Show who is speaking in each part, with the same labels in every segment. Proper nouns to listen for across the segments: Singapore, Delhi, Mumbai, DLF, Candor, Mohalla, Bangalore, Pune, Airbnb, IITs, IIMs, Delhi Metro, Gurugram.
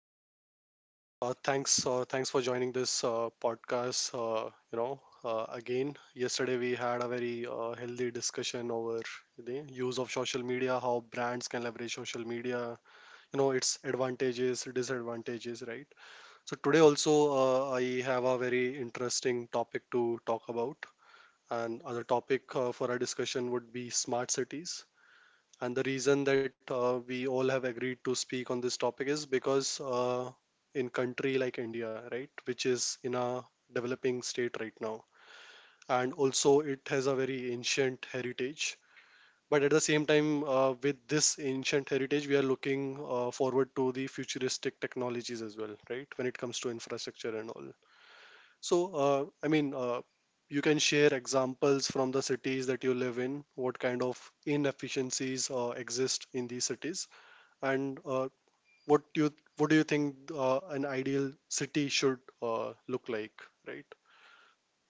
Speaker 1: live. Thanks, thanks for joining this podcast. Again, yesterday we had a very healthy discussion over the use of social media, how brands can leverage social media, its advantages, disadvantages, right? So today also, I have a very interesting topic to talk about. And other topic for our discussion would be smart cities. And the reason that we all have agreed to speak on this topic is because in country like India, right, which is in a developing state right now, and also it has a very ancient heritage. But at the same time, with this ancient heritage, we are looking forward to the futuristic technologies as well, right? When it comes to infrastructure and all. So, uh, I mean, uh, you can share examples from the cities that you live in. What kind of inefficiencies exist in these cities? And what do you think an ideal city should look like, right?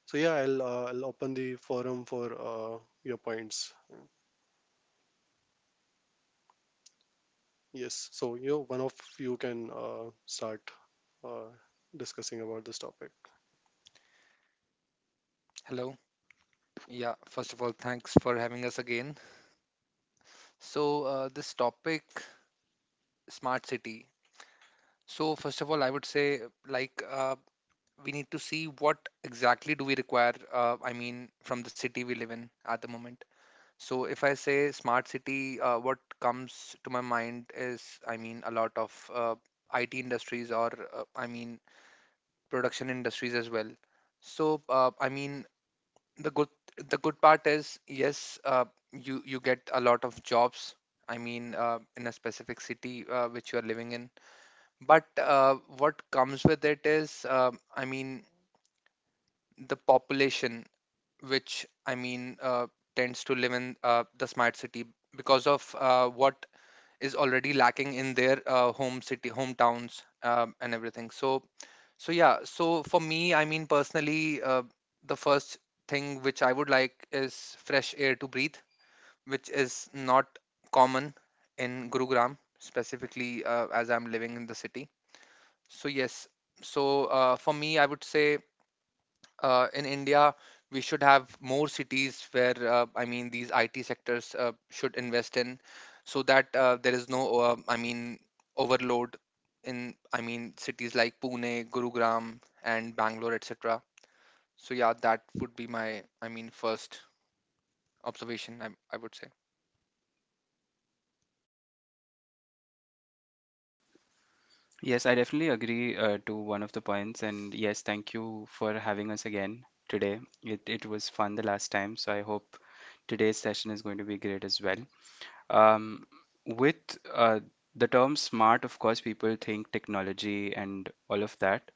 Speaker 1: So yeah, I'll open the forum for your points. Yes, so one of you can start uh, discussing about this topic.
Speaker 2: Hello. Yeah, first of all, thanks for having us again. So, this topic, smart city. So, first of all, I would say, like, we need to see what exactly do we require, I mean, from the city we live in at the moment. So, if I say smart city, what comes to my mind is, I mean, a lot of IT industries or, I mean, production industries as well. So, I mean, the good the good part is yes, you get a lot of jobs, I mean, in a specific city which you are living in, but what comes with it is, I mean, the population which, I mean, tends to live in the smart city because of what is already lacking in their home city, hometowns, and everything. So yeah, so for me, I mean, personally, the first thing which I would like is fresh air to breathe, which is not common in Gurugram, specifically, as I'm living in the city. So yes, so, for me, I would say, in India, we should have more cities where, I mean, these IT sectors should invest in, so that there is no, I mean, overload in, I mean, cities like Pune, Gurugram, and Bangalore, etc. So, yeah, that would be my, I mean, first observation, I would say.
Speaker 3: Yes, I definitely agree to one of the points. And yes, thank you for having us again today. It was fun the last time, so I hope today's session is going to be great as well. Um, with uh, the term smart, of course, people think technology and all of that.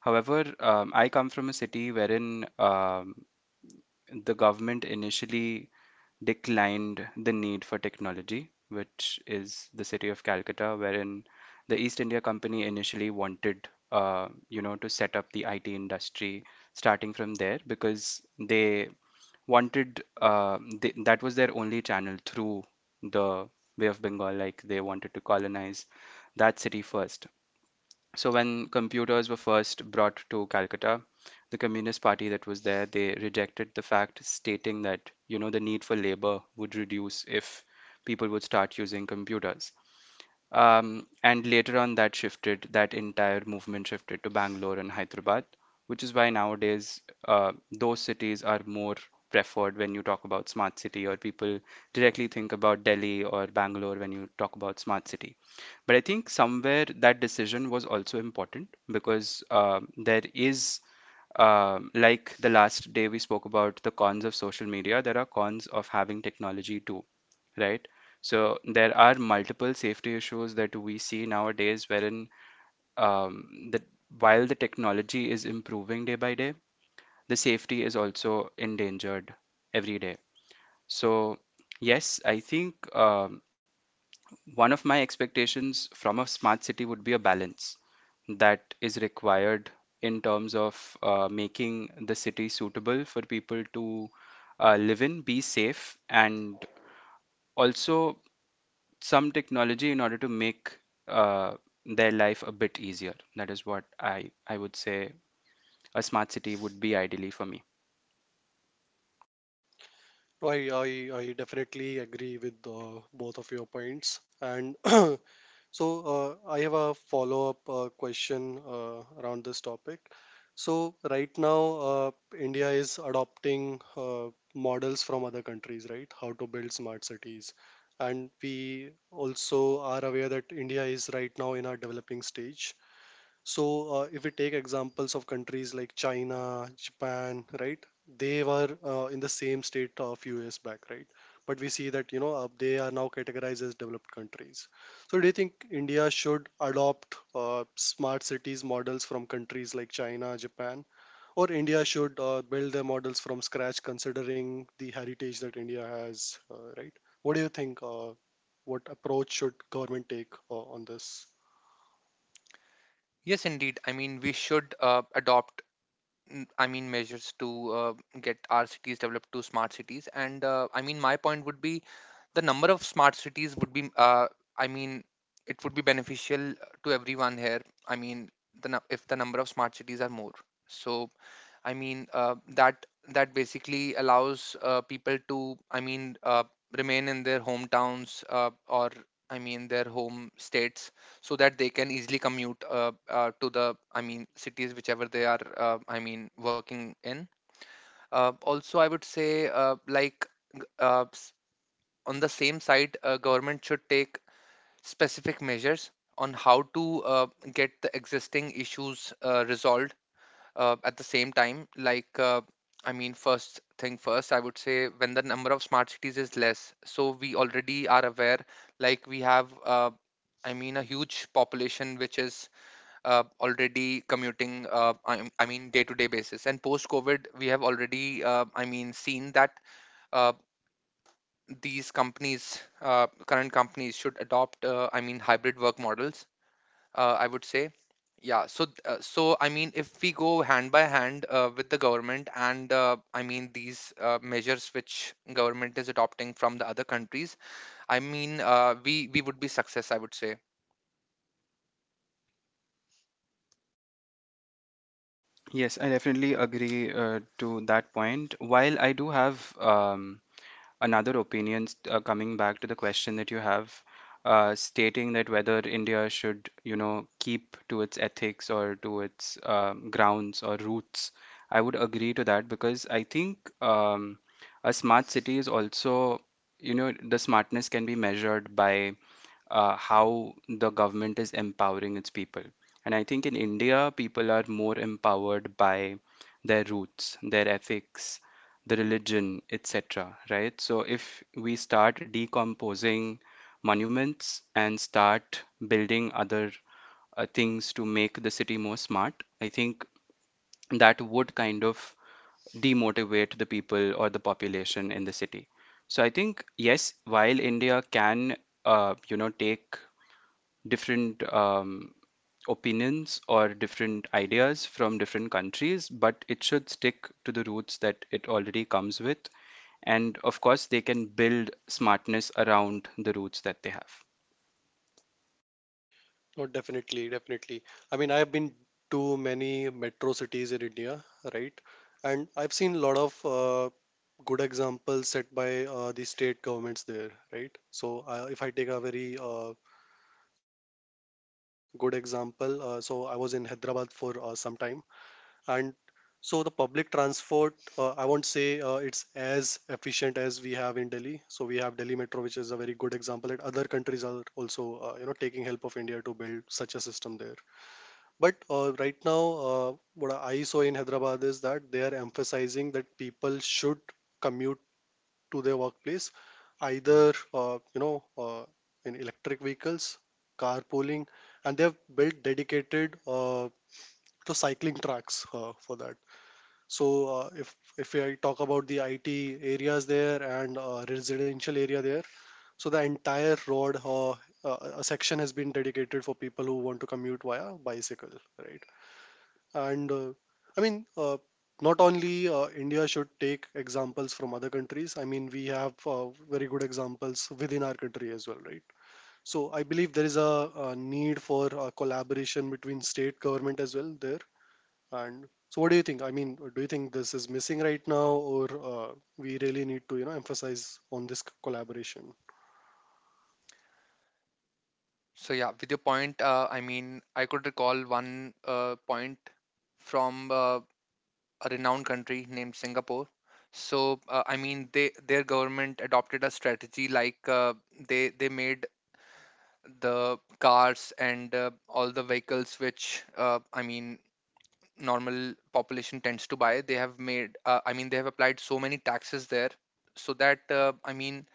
Speaker 3: However, I come from a city wherein the government initially declined the need for technology, which is the city of Calcutta, wherein the East India Company initially wanted, to set up the IT industry starting from there because that was their only channel through the Bay of Bengal, like they wanted to colonize that city first. So when computers were first brought to Calcutta, the Communist Party that was there, they rejected the fact, stating that, you know, the need for labor would reduce if people would start using computers. And later on, that entire movement shifted to Bangalore and Hyderabad, which is why nowadays those cities are more preferred when you talk about smart city, or people directly think about Delhi or Bangalore when you talk about smart city. But I think somewhere that decision was also important because there is, like the last day we spoke about the cons of social media, there are cons of having technology too, right? So there are multiple safety issues that we see nowadays wherein that while the technology is improving day by day, the safety is also endangered every day. So yes, I think one of my expectations from a smart city would be a balance that is required in terms of making the city suitable for people to live in, be safe, and also some technology in order to make uh, their life a bit easier. That is what I would say a smart city would be ideally for me.
Speaker 1: So, I definitely agree with both of your points. And So, I have a follow-up question around this topic. So, right now, India is adopting models from other countries, right? How to build smart cities. And we also are aware that India is right now in a developing stage. So, if we take examples of countries like China, Japan, right? They were in the same state a few years back, right? But we see that, they are now categorized as developed countries. So, do you think India should adopt smart cities models from countries like China, Japan, or India should build their models from scratch considering the heritage that India has, right? What do you think? What approach should government take on this?
Speaker 2: Yes, indeed. I mean, we should adopt I mean, measures to uh, get our cities developed to smart cities. And, I mean, my point would be, the number of smart cities would be, I mean, it would be beneficial to everyone here. I mean, if the number of smart cities are more. So, I mean, that basically allows people to, I mean, remain in their hometowns, or, I mean, their home states, so that they can easily commute, to the, I mean, cities whichever they are, I mean, working in. Also, I would say, like, g- uh, s- on the same side, government should take specific measures on how to get the existing issues resolved, at the same time, like, I mean, first thing first, I would say, when the number of smart cities is less, so we already are aware, like we have, I mean, a huge population which is already commuting, I mean, day to day basis. And post COVID, we have already, I mean, seen that uh, these companies current companies should adopt, I mean, hybrid work models, I would say. Yeah, so so, I mean, if we go hand by hand with the government and, I mean, these measures which government is adopting from the other countries, I mean, we would be success, I would say.
Speaker 3: Yes, I definitely agree to that point. While I do have another opinion, coming back to the question that you have, stating that whether India should, you know, keep to its ethics or to its grounds or roots. I would agree to that because I think a smart city is also, you know, the smartness can be measured by how the government is empowering its people. And I think in India, people are more empowered by their roots, their ethics, the religion, etc. Right? So if we start decomposing monuments and start building other things to make the city more smart, I think that would kind of demotivate the people or the population in the city. So I think yes, while India can you know take different opinions or different ideas from different countries, but it should stick to the roots that it already comes with. And of course, they can build smartness around the roots that they have.
Speaker 1: Oh, definitely, definitely. I mean, I have been to many metro cities in India, right? And I've seen a lot of good examples set by the state governments there, right? So, if I take a very good example, so I was in Hyderabad for some time, and so the public transport, I won't say it's as efficient as we have in Delhi. So we have Delhi Metro, which is a very good example that other countries are also, taking help of India to build such a system there, but right now, what I saw in Hyderabad is that they are emphasizing that people should commute to their workplace either, in electric vehicles, carpooling, and they have built dedicated to cycling tracks for that. So if I talk about the IT areas there and residential area there, so the entire road a section has been dedicated for people who want to commute via bicycle, right? and I mean not only india should take examples from other countries. I mean we have very good examples within our country as well, right? So I believe there is a need for collaboration between state government as well there. And so what do you think, I mean, do you think this is missing right now, or uh, we really need to, emphasize on this collaboration?
Speaker 2: So yeah, with your point, I mean, I could recall one point from a renowned country named Singapore. So, I mean, they their government adopted a strategy, like, they made the cars and all the vehicles which, I mean, normal population tends to buy. They have made, I mean, they have applied so many taxes there, so that I mean,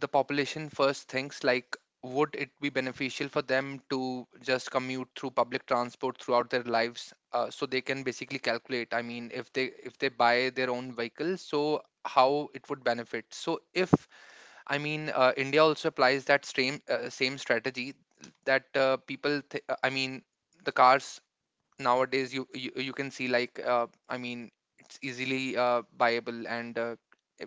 Speaker 2: the population first thinks, like, would it be beneficial for them to just commute through public transport throughout their lives. So they can basically calculate, I mean, if they buy their own vehicle, so how it would benefit. So if, I mean, India also applies that same strategy, that people. I mean, the cars nowadays, you can see, like, I mean, it's easily buyable and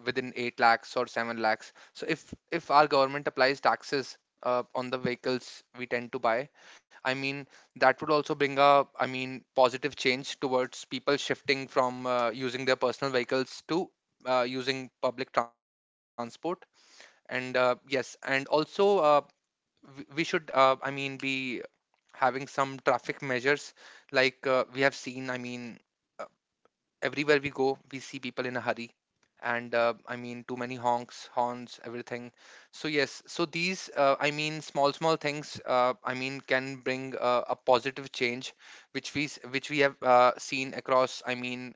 Speaker 2: within 8 lakhs or 7 lakhs. So, if our government applies taxes on the vehicles we tend to buy, I mean, that would also bring a, I mean, positive change towards people shifting from using their personal vehicles to using public transport, and, yes, and also, we should, I mean, be having some traffic measures, like, we have seen. I mean, uh, everywhere we go, we see people in a hurry, and, I mean, too many honks, horns, everything. So yes, so these, I mean, small things, I mean, can bring a positive change, which we which we have seen across. I mean,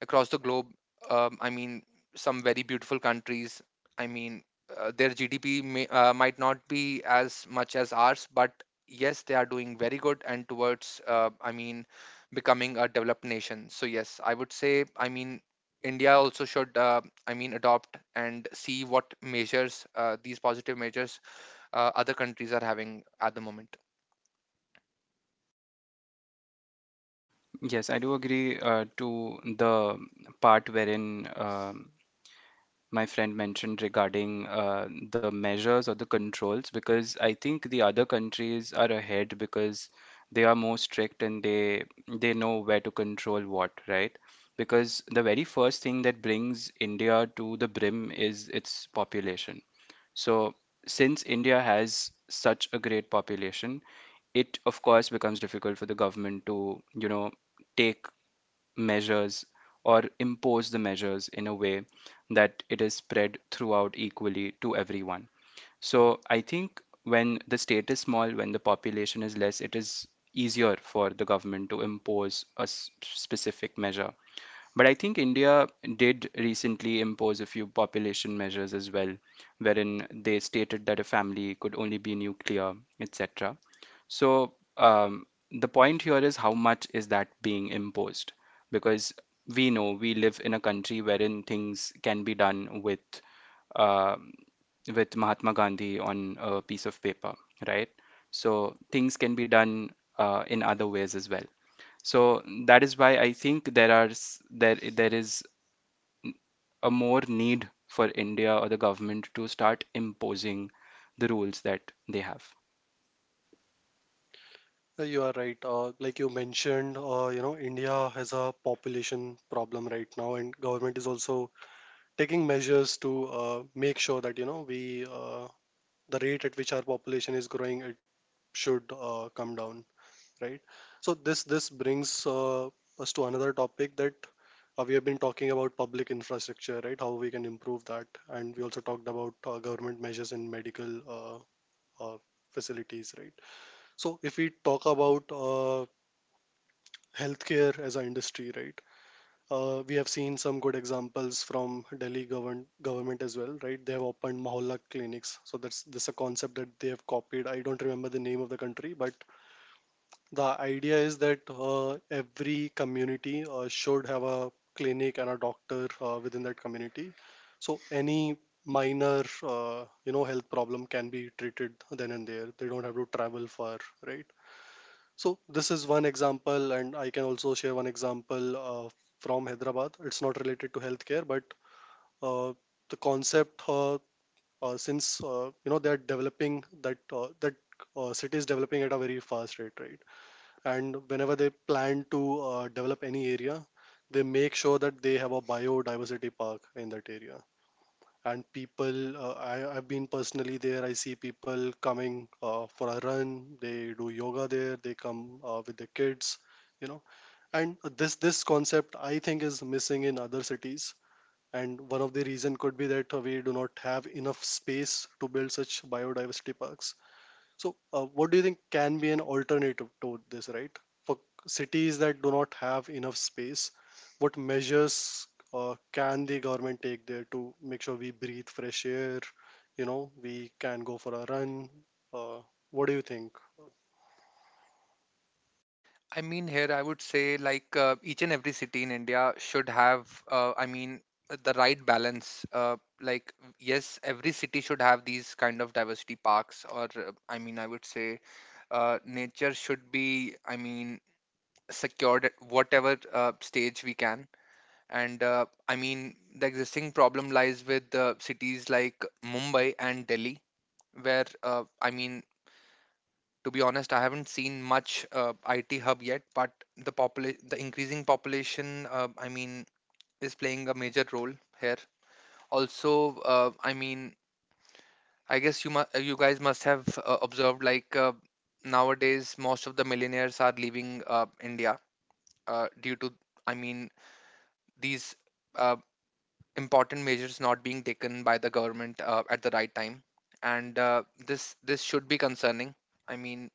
Speaker 2: across the globe. I mean, some very beautiful countries. I mean, their GDP might not be as much as ours, but yes, they are doing very good and towards, I mean, becoming a developed nation. So, yes, I would say, I mean, India also should, I mean, adopt and see what these positive measures, other countries are having at the moment.
Speaker 3: Yes, I do agree to the part wherein my friend mentioned regarding the measures or the controls because I think the other countries are ahead because they are more strict and they know where to control what, right? Because the very first thing that brings India to the brim is its population. So since India has such a great population, it of course becomes difficult for the government to, you know, take measures or impose the measures in a way that it is spread throughout equally to everyone. So I think when the state is small, when the population is less, it is easier for the government to impose a specific measure. But I think India did recently impose a few population measures as well, wherein they stated that a family could only be nuclear, etc. So the point here is how much is that being imposed? Because we know we live in a country wherein things can be done um, with Mahatma Gandhi on a piece of paper, right? So things can be done in other ways as well. So that is why I think there are s- there is a more need for India or the government to start imposing the rules that they have.
Speaker 1: You are right. Like you mentioned, India has a population problem right now, and government is also taking measures to make sure that, you know we the rate at which our population is growing, it should come down, right? So this brings us to another topic that we have been talking about public infrastructure, right? How we can improve that. And we also talked about government measures in medical uh, facilities, right? So if we talk about healthcare as an industry, right? We have seen some good examples from Delhi government as well, right? They have opened Mohalla clinics. So that's this a concept that they have copied. I don't remember the name of the country, but the idea is that every community should have a clinic and a doctor within that community. So any minor, health problem can be treated then and there. They don't have to travel far, right? So this is one example, and I can also share one example from Hyderabad. It's not related to healthcare, but uh, the concept, since you know they are developing that, city is developing at a very fast rate, right? And whenever they plan to develop any area, they make sure that they have a biodiversity park in that area. And I've been personally there. I see people coming for a run, they do yoga there, they come with their kids, you know. And this concept I think is missing in other cities. And one of the reason could be that we do not have enough space to build such biodiversity parks. So, what do you think can be an alternative to this, right? For cities that do not have enough space, what measures can the government take there to make sure we breathe fresh air? You know, we can go for a run. Uh, what do you think?
Speaker 2: I mean, here I would say, like, each and every city in India should have, I mean, the right balance. Like, yes, every city should have these kind of diversity parks, or, I mean, I would say, nature should be, I mean, secured at whatever stage we can. And, I mean, the existing problem lies with cities like Mumbai and Delhi, where, I mean, to be honest, I haven't seen much IT hub yet, but the increasing population, I mean, is playing a major role here. Also, I mean, I guess you guys must have observed, like, nowadays most of the millionaires are leaving India, due to, I mean, these uh, important measures not being taken by the government at the right time, and this should be concerning. I mean,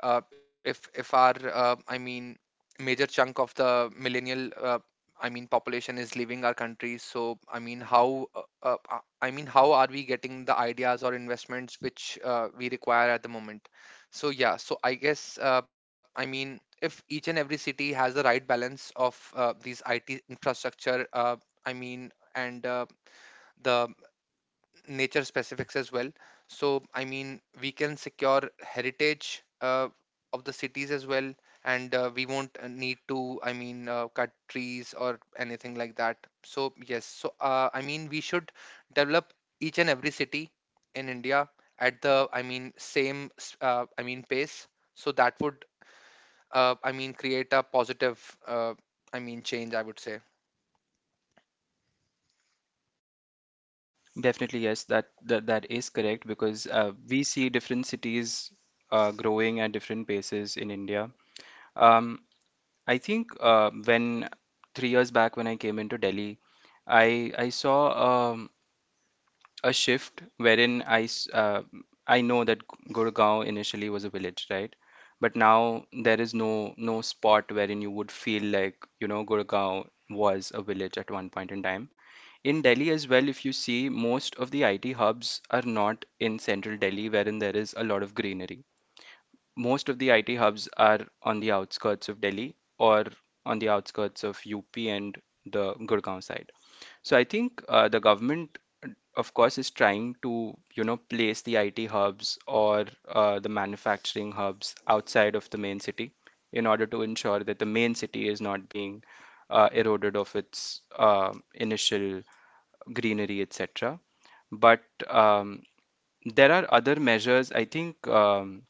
Speaker 2: if our, I mean, major chunk of the millennial, I mean, population is leaving our country, so I mean, how I mean, how are we getting the ideas or investments which we require at the moment? So yeah, so I guess, I mean, if each and every city has the right balance of these IT infrastructure, I mean, and the nature specifics as well. So, I mean, we can secure heritage of the cities as well, and we won't need to, I mean, cut trees or anything like that. So, yes, so, I mean, we should develop each and every city in India at the, I mean, same, I mean, pace. So that would, I mean, create a positive, I mean, change, I would say.
Speaker 3: Definitely, yes, that is correct because we see different cities growing at different paces in India. Um, I think when three years back when I came into Delhi, I saw um, a shift wherein I know that Gurgaon initially was a village, right? But now there is no spot wherein you would feel like, you know, Gurgaon was a village at one point in time. In Delhi as well, if you see, most of the IT hubs are not in central Delhi, wherein there is a lot of greenery. Most of the IT hubs are on the outskirts of Delhi or on the outskirts of UP and the Gurgaon side. So I think the government, of course, is trying to, you know, place the IT hubs or the manufacturing hubs outside of the main city in order to ensure that the main city is not being eroded of its initial greenery, etc. But um, there are other measures. I think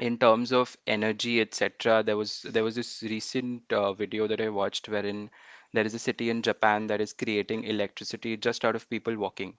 Speaker 3: in terms of energy, etc., there was this recent video that I watched wherein there is a city in Japan that is creating electricity just out of people walking.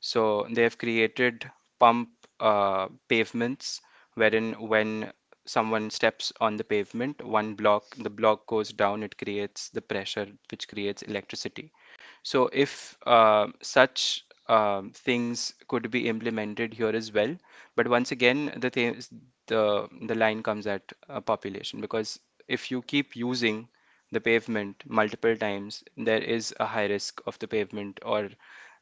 Speaker 3: So they have created pump pavements wherein when someone steps on the pavement, one block, the block goes down, it creates the pressure which creates electricity. So, if such things could be implemented here as well, but once again, the line comes at population, because if you keep using the pavement multiple times, there is a high risk of the pavement or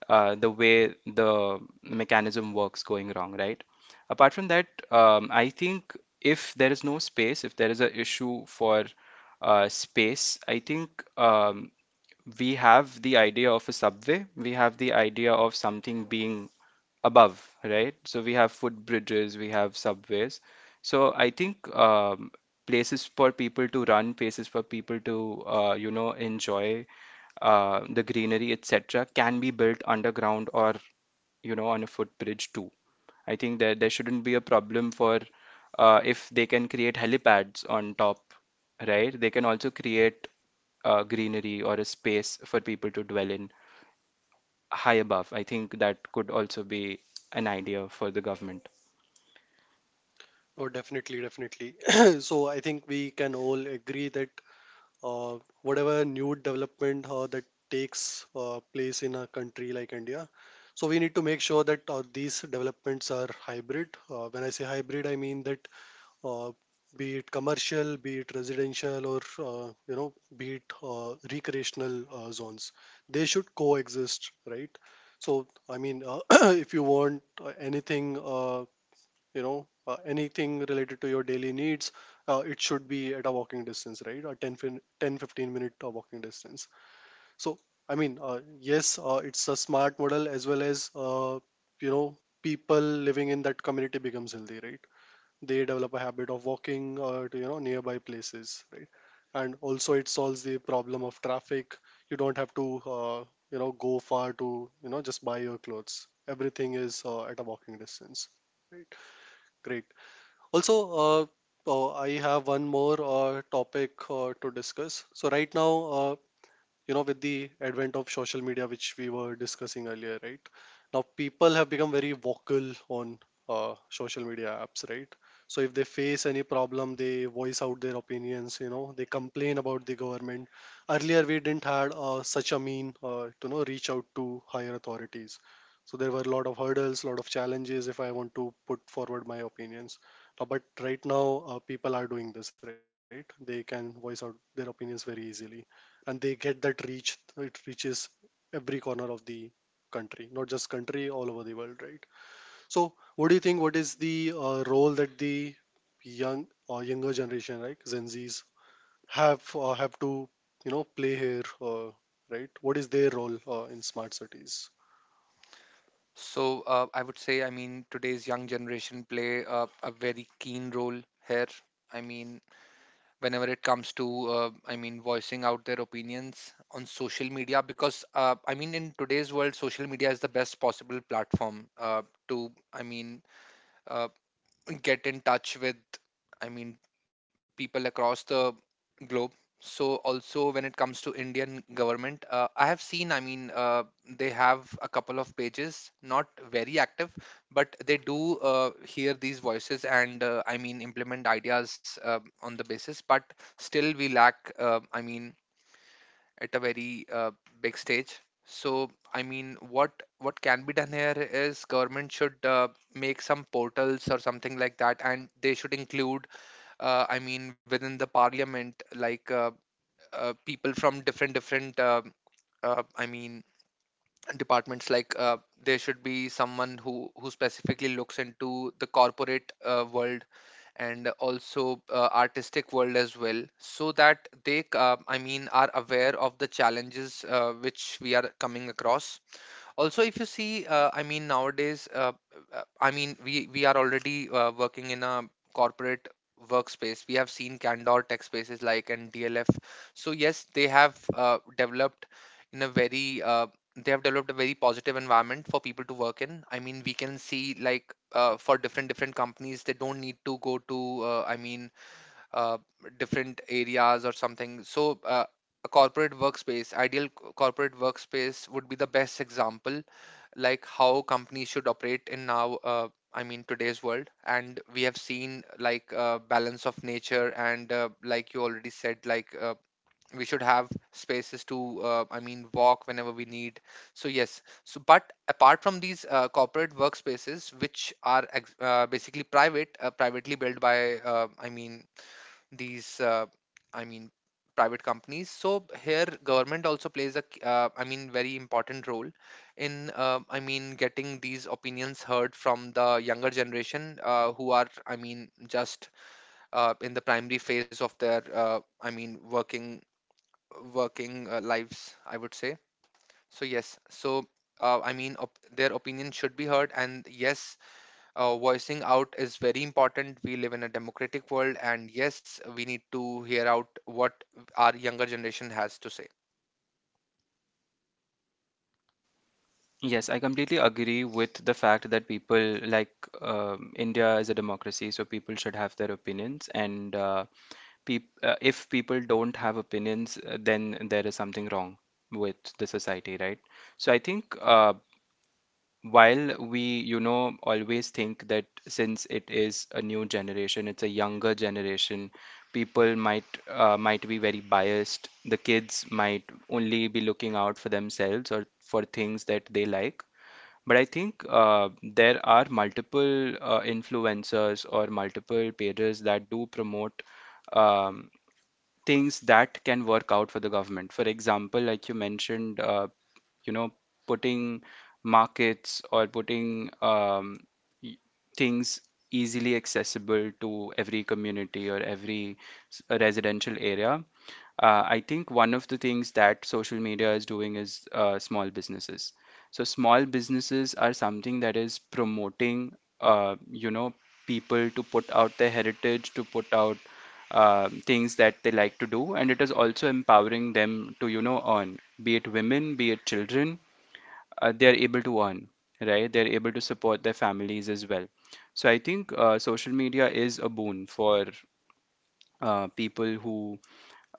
Speaker 3: the way the mechanism works going wrong, right? Apart from that, I think if there is no space, if there is an issue for space, I think we have the idea of a subway, we have the idea of something being above, right? So we have footbridges, we have subways. So I think places for people to run, places for people to, enjoy the greenery, etc., can be built underground or, you know, on a footbridge too. I think that there shouldn't be a problem for if they can create helipads on top, right? They can also create greenery or a space for people to dwell in high above. I think that could also be an idea for the government.
Speaker 1: Oh, definitely, definitely. So, I think we can all agree that whatever new development that takes place in a country like India. So we need to make sure that these developments are hybrid. When I say hybrid, I mean that uh, be it commercial, be it residential, or be it recreational zones, they should coexist, right? So I mean, if you want anything. Anything related to your daily needs, it should be at a walking distance, right? A 10 15 minute walking distance. So I mean, yes, it's a smart model as well as, you know people living in that community becomes healthy, right? They develop a habit of walking to, nearby places, right? And also it solves the problem of traffic. You don't have to, uh, go far to, just buy your clothes. Everything is at a walking distance, right? Great. Also, oh, I have one more topic to discuss. So right now, uh, with the advent of social media which we were discussing earlier, right? Now people have become very vocal on social media apps, right? So if they face any problem, they voice out their opinions, you know, they complain about the government. Earlier we didn't had such a mean to know reach out to higher authorities. So there were a lot of hurdles, lot of challenges, if I want to put forward my opinions. But right now, people are doing this, right? They can voice out their opinions very easily, and they get that reach. It reaches every corner of the country, not just country, all over the world, right? So what do you think? What is the role that the young or younger generation like gen z's have to, you know, play here? uh, right, what is their role in smart cities?
Speaker 2: So, I would say, I mean, today's young generation play a very keen role here. I mean, whenever it comes to, I mean, voicing out their opinions on social media, because, I mean, in today's world, social media is the best possible platform to, I mean, uh, get in touch with, I mean, people across the globe. So also when it comes to Indian government, I have seen, I mean, they have a couple of pages, not very active, but they do hear these voices and, I mean, implement ideas on the basis. But still, we lack, I mean, at a very big stage. So, I mean, what can be done here is, government should make some portals or something like that, and they should include, I mean, within the parliament, like, people from different, I mean, departments. Like, there should be someone who specifically looks into the corporate world, and also, artistic world as well, so that they, I mean, are aware of the challenges, which we are coming across. Also, if you see, I mean, nowadays, I mean, we are already working in a corporate workspace. We have seen Candor tech spaces, like, and DLF. So yes, in a very uh, they have developed a very positive environment for people to work in. I mean, we can see, like, for different companies, they don't need to go to, I mean, uh, different areas or something. So, a corporate workspace ideal c- corporate workspace would be the best example, like, how companies should operate in now, I mean, today's world. And we have seen, like, balance of nature, and, like you already said, like, we should have spaces to, I mean, walk whenever we need. So yes, so, but apart from these corporate workspaces, which are basically privately built by, I mean, these, I mean, private companies, so here government also plays a I mean, very important role in, I mean, getting these opinions heard from the younger generation, who are, I mean, just in the primary phase of their, I mean, working lives, I would say. So yes, so, I mean, their opinion should be heard, and yes, voicing out is very important. We live in a democratic world, and yes, we need to hear out what our younger generation has to say.
Speaker 3: Yes, I completely agree with the fact that people like India is a democracy, so people should have their opinions. And peop if people don't have opinions, then there is something wrong with the society, right? So I think while we, you know, always think that since it is a new generation, it's a younger generation, people might be very biased, the kids might only be looking out for themselves or for things that they like, but I think there are multiple influencers or multiple pages that do promote um, things that can work out for the government. For example, like you mentioned, you know, putting markets or putting y- things easily accessible to every community or every residential area. I think one of the things that social media is doing is small businesses. So small businesses are something that is promoting, uh, you know, people to put out their heritage, to put out things that they like to do, and it is also empowering them to, you know, earn. Be it women, be it children, they are able to earn, right? They're able to support their families as well. So I think social media is a boon for people who,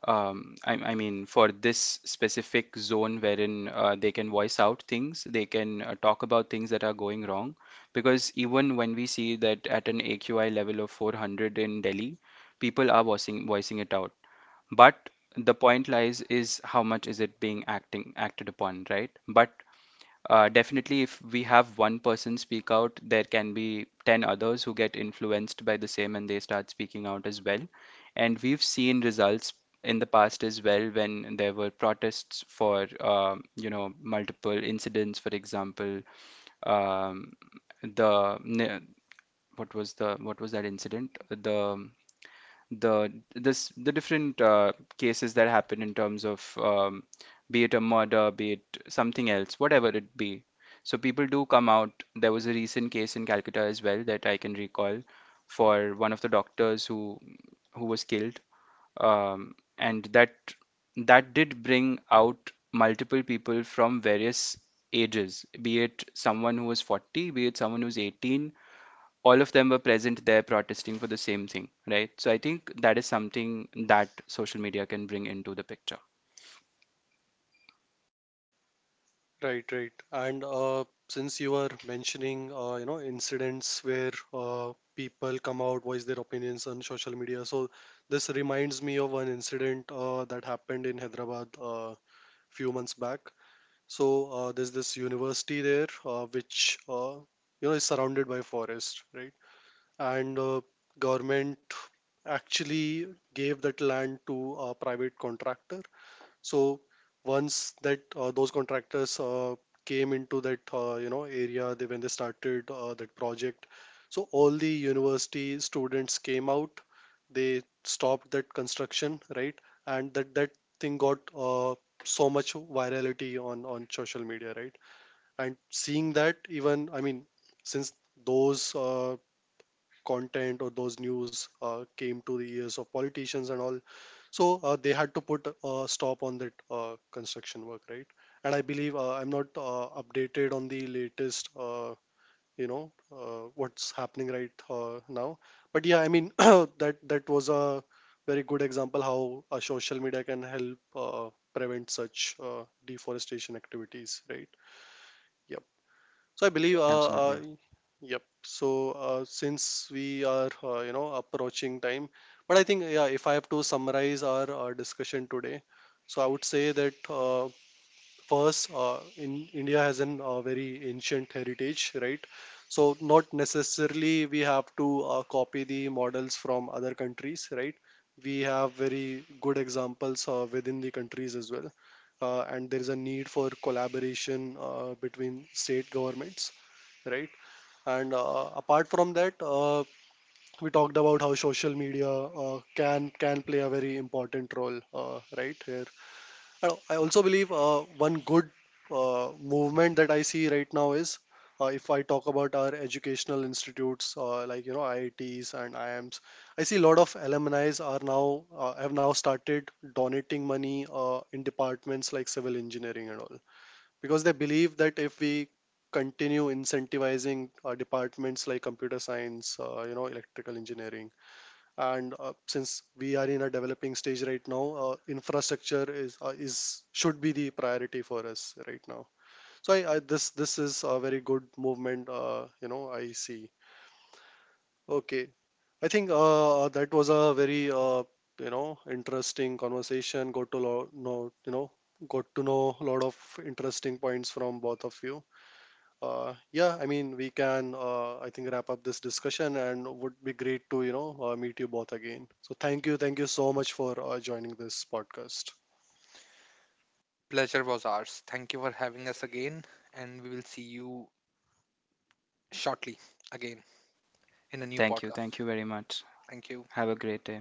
Speaker 3: for this specific zone wherein they can voice out things, they can talk about things that are going wrong. Because even when we see that at an AQI level of 400 in Delhi, people are voicing it out, but the point lies is how much is it being acting acted upon, right? But definitely, if we have one person speak out, there can be 10 others who get influenced by the same and they start speaking out as well. And we've seen results in the past as well, when there were protests for multiple incidents. For example, um, the ne- what was the what was that incident the this the different cases that happen in terms of be it a murder, be it something else, whatever it be. So people do come out. There was a recent case in Calcutta as well that I can recall for one of the doctors who was killed, and that did bring out multiple people from various ages, be it someone who was 40, be it someone who's 18, all of them were present there protesting for the same thing, right? So I think that is something that social media can bring into the picture.
Speaker 1: Right, right. And since you are mentioning, incidents where people come out, voice their opinions on social media, so this reminds me of one incident that happened in Hyderabad few months back. So there's this university there, which you know is surrounded by forest, right? And government actually gave that land to a private contractor. So once that, those contractors came into that, you know area, they when they started that project, so all the university students came out. They stopped that construction, right? And that thing got so much virality on social media, right? And seeing that, even I mean, since those content or those news came to the ears of politicians and all. So they had to put a stop on that construction work, right? And I believe I'm not updated on the latest, what's happening right now. But yeah, I mean that was a very good example how a social media can help prevent such deforestation activities, right? Yeah. So I believe,
Speaker 3: Absolutely.
Speaker 1: yep. So since we are, approaching time, but I think, yeah, if I have to summarize our discussion today, so I would say that first, in India has an very ancient heritage, right? So not necessarily we have to copy the models from other countries, right? We have very good examples within the countries as well, and there is a need for collaboration between state governments, right? And apart from that, we talked about how social media can play a very important role right here. I also believe one good movement that I see right now is, if I talk about our educational institutes like you know IITs and IIMs, I see a lot of alumni are now, have now started donating money in departments like civil engineering and all, because they believe that if we continue incentivizing departments like computer science, electrical engineering, and since we are in a developing stage right now, infrastructure is should be the priority for us right now. So I, this is a very good movement, I see. Okay, I think that was a very interesting conversation. Got to know a lot of interesting points from both of you. Yeah, I mean, we can, I think, wrap up this discussion and would be great to, you know, meet you both again. So thank you. Thank you so much for joining this podcast.
Speaker 2: Pleasure was ours. Thank you for having us again, and we will see you shortly again in a new
Speaker 3: Thank you.
Speaker 2: podcast.
Speaker 3: Thank you very much.
Speaker 2: Thank you.
Speaker 3: Have a great day.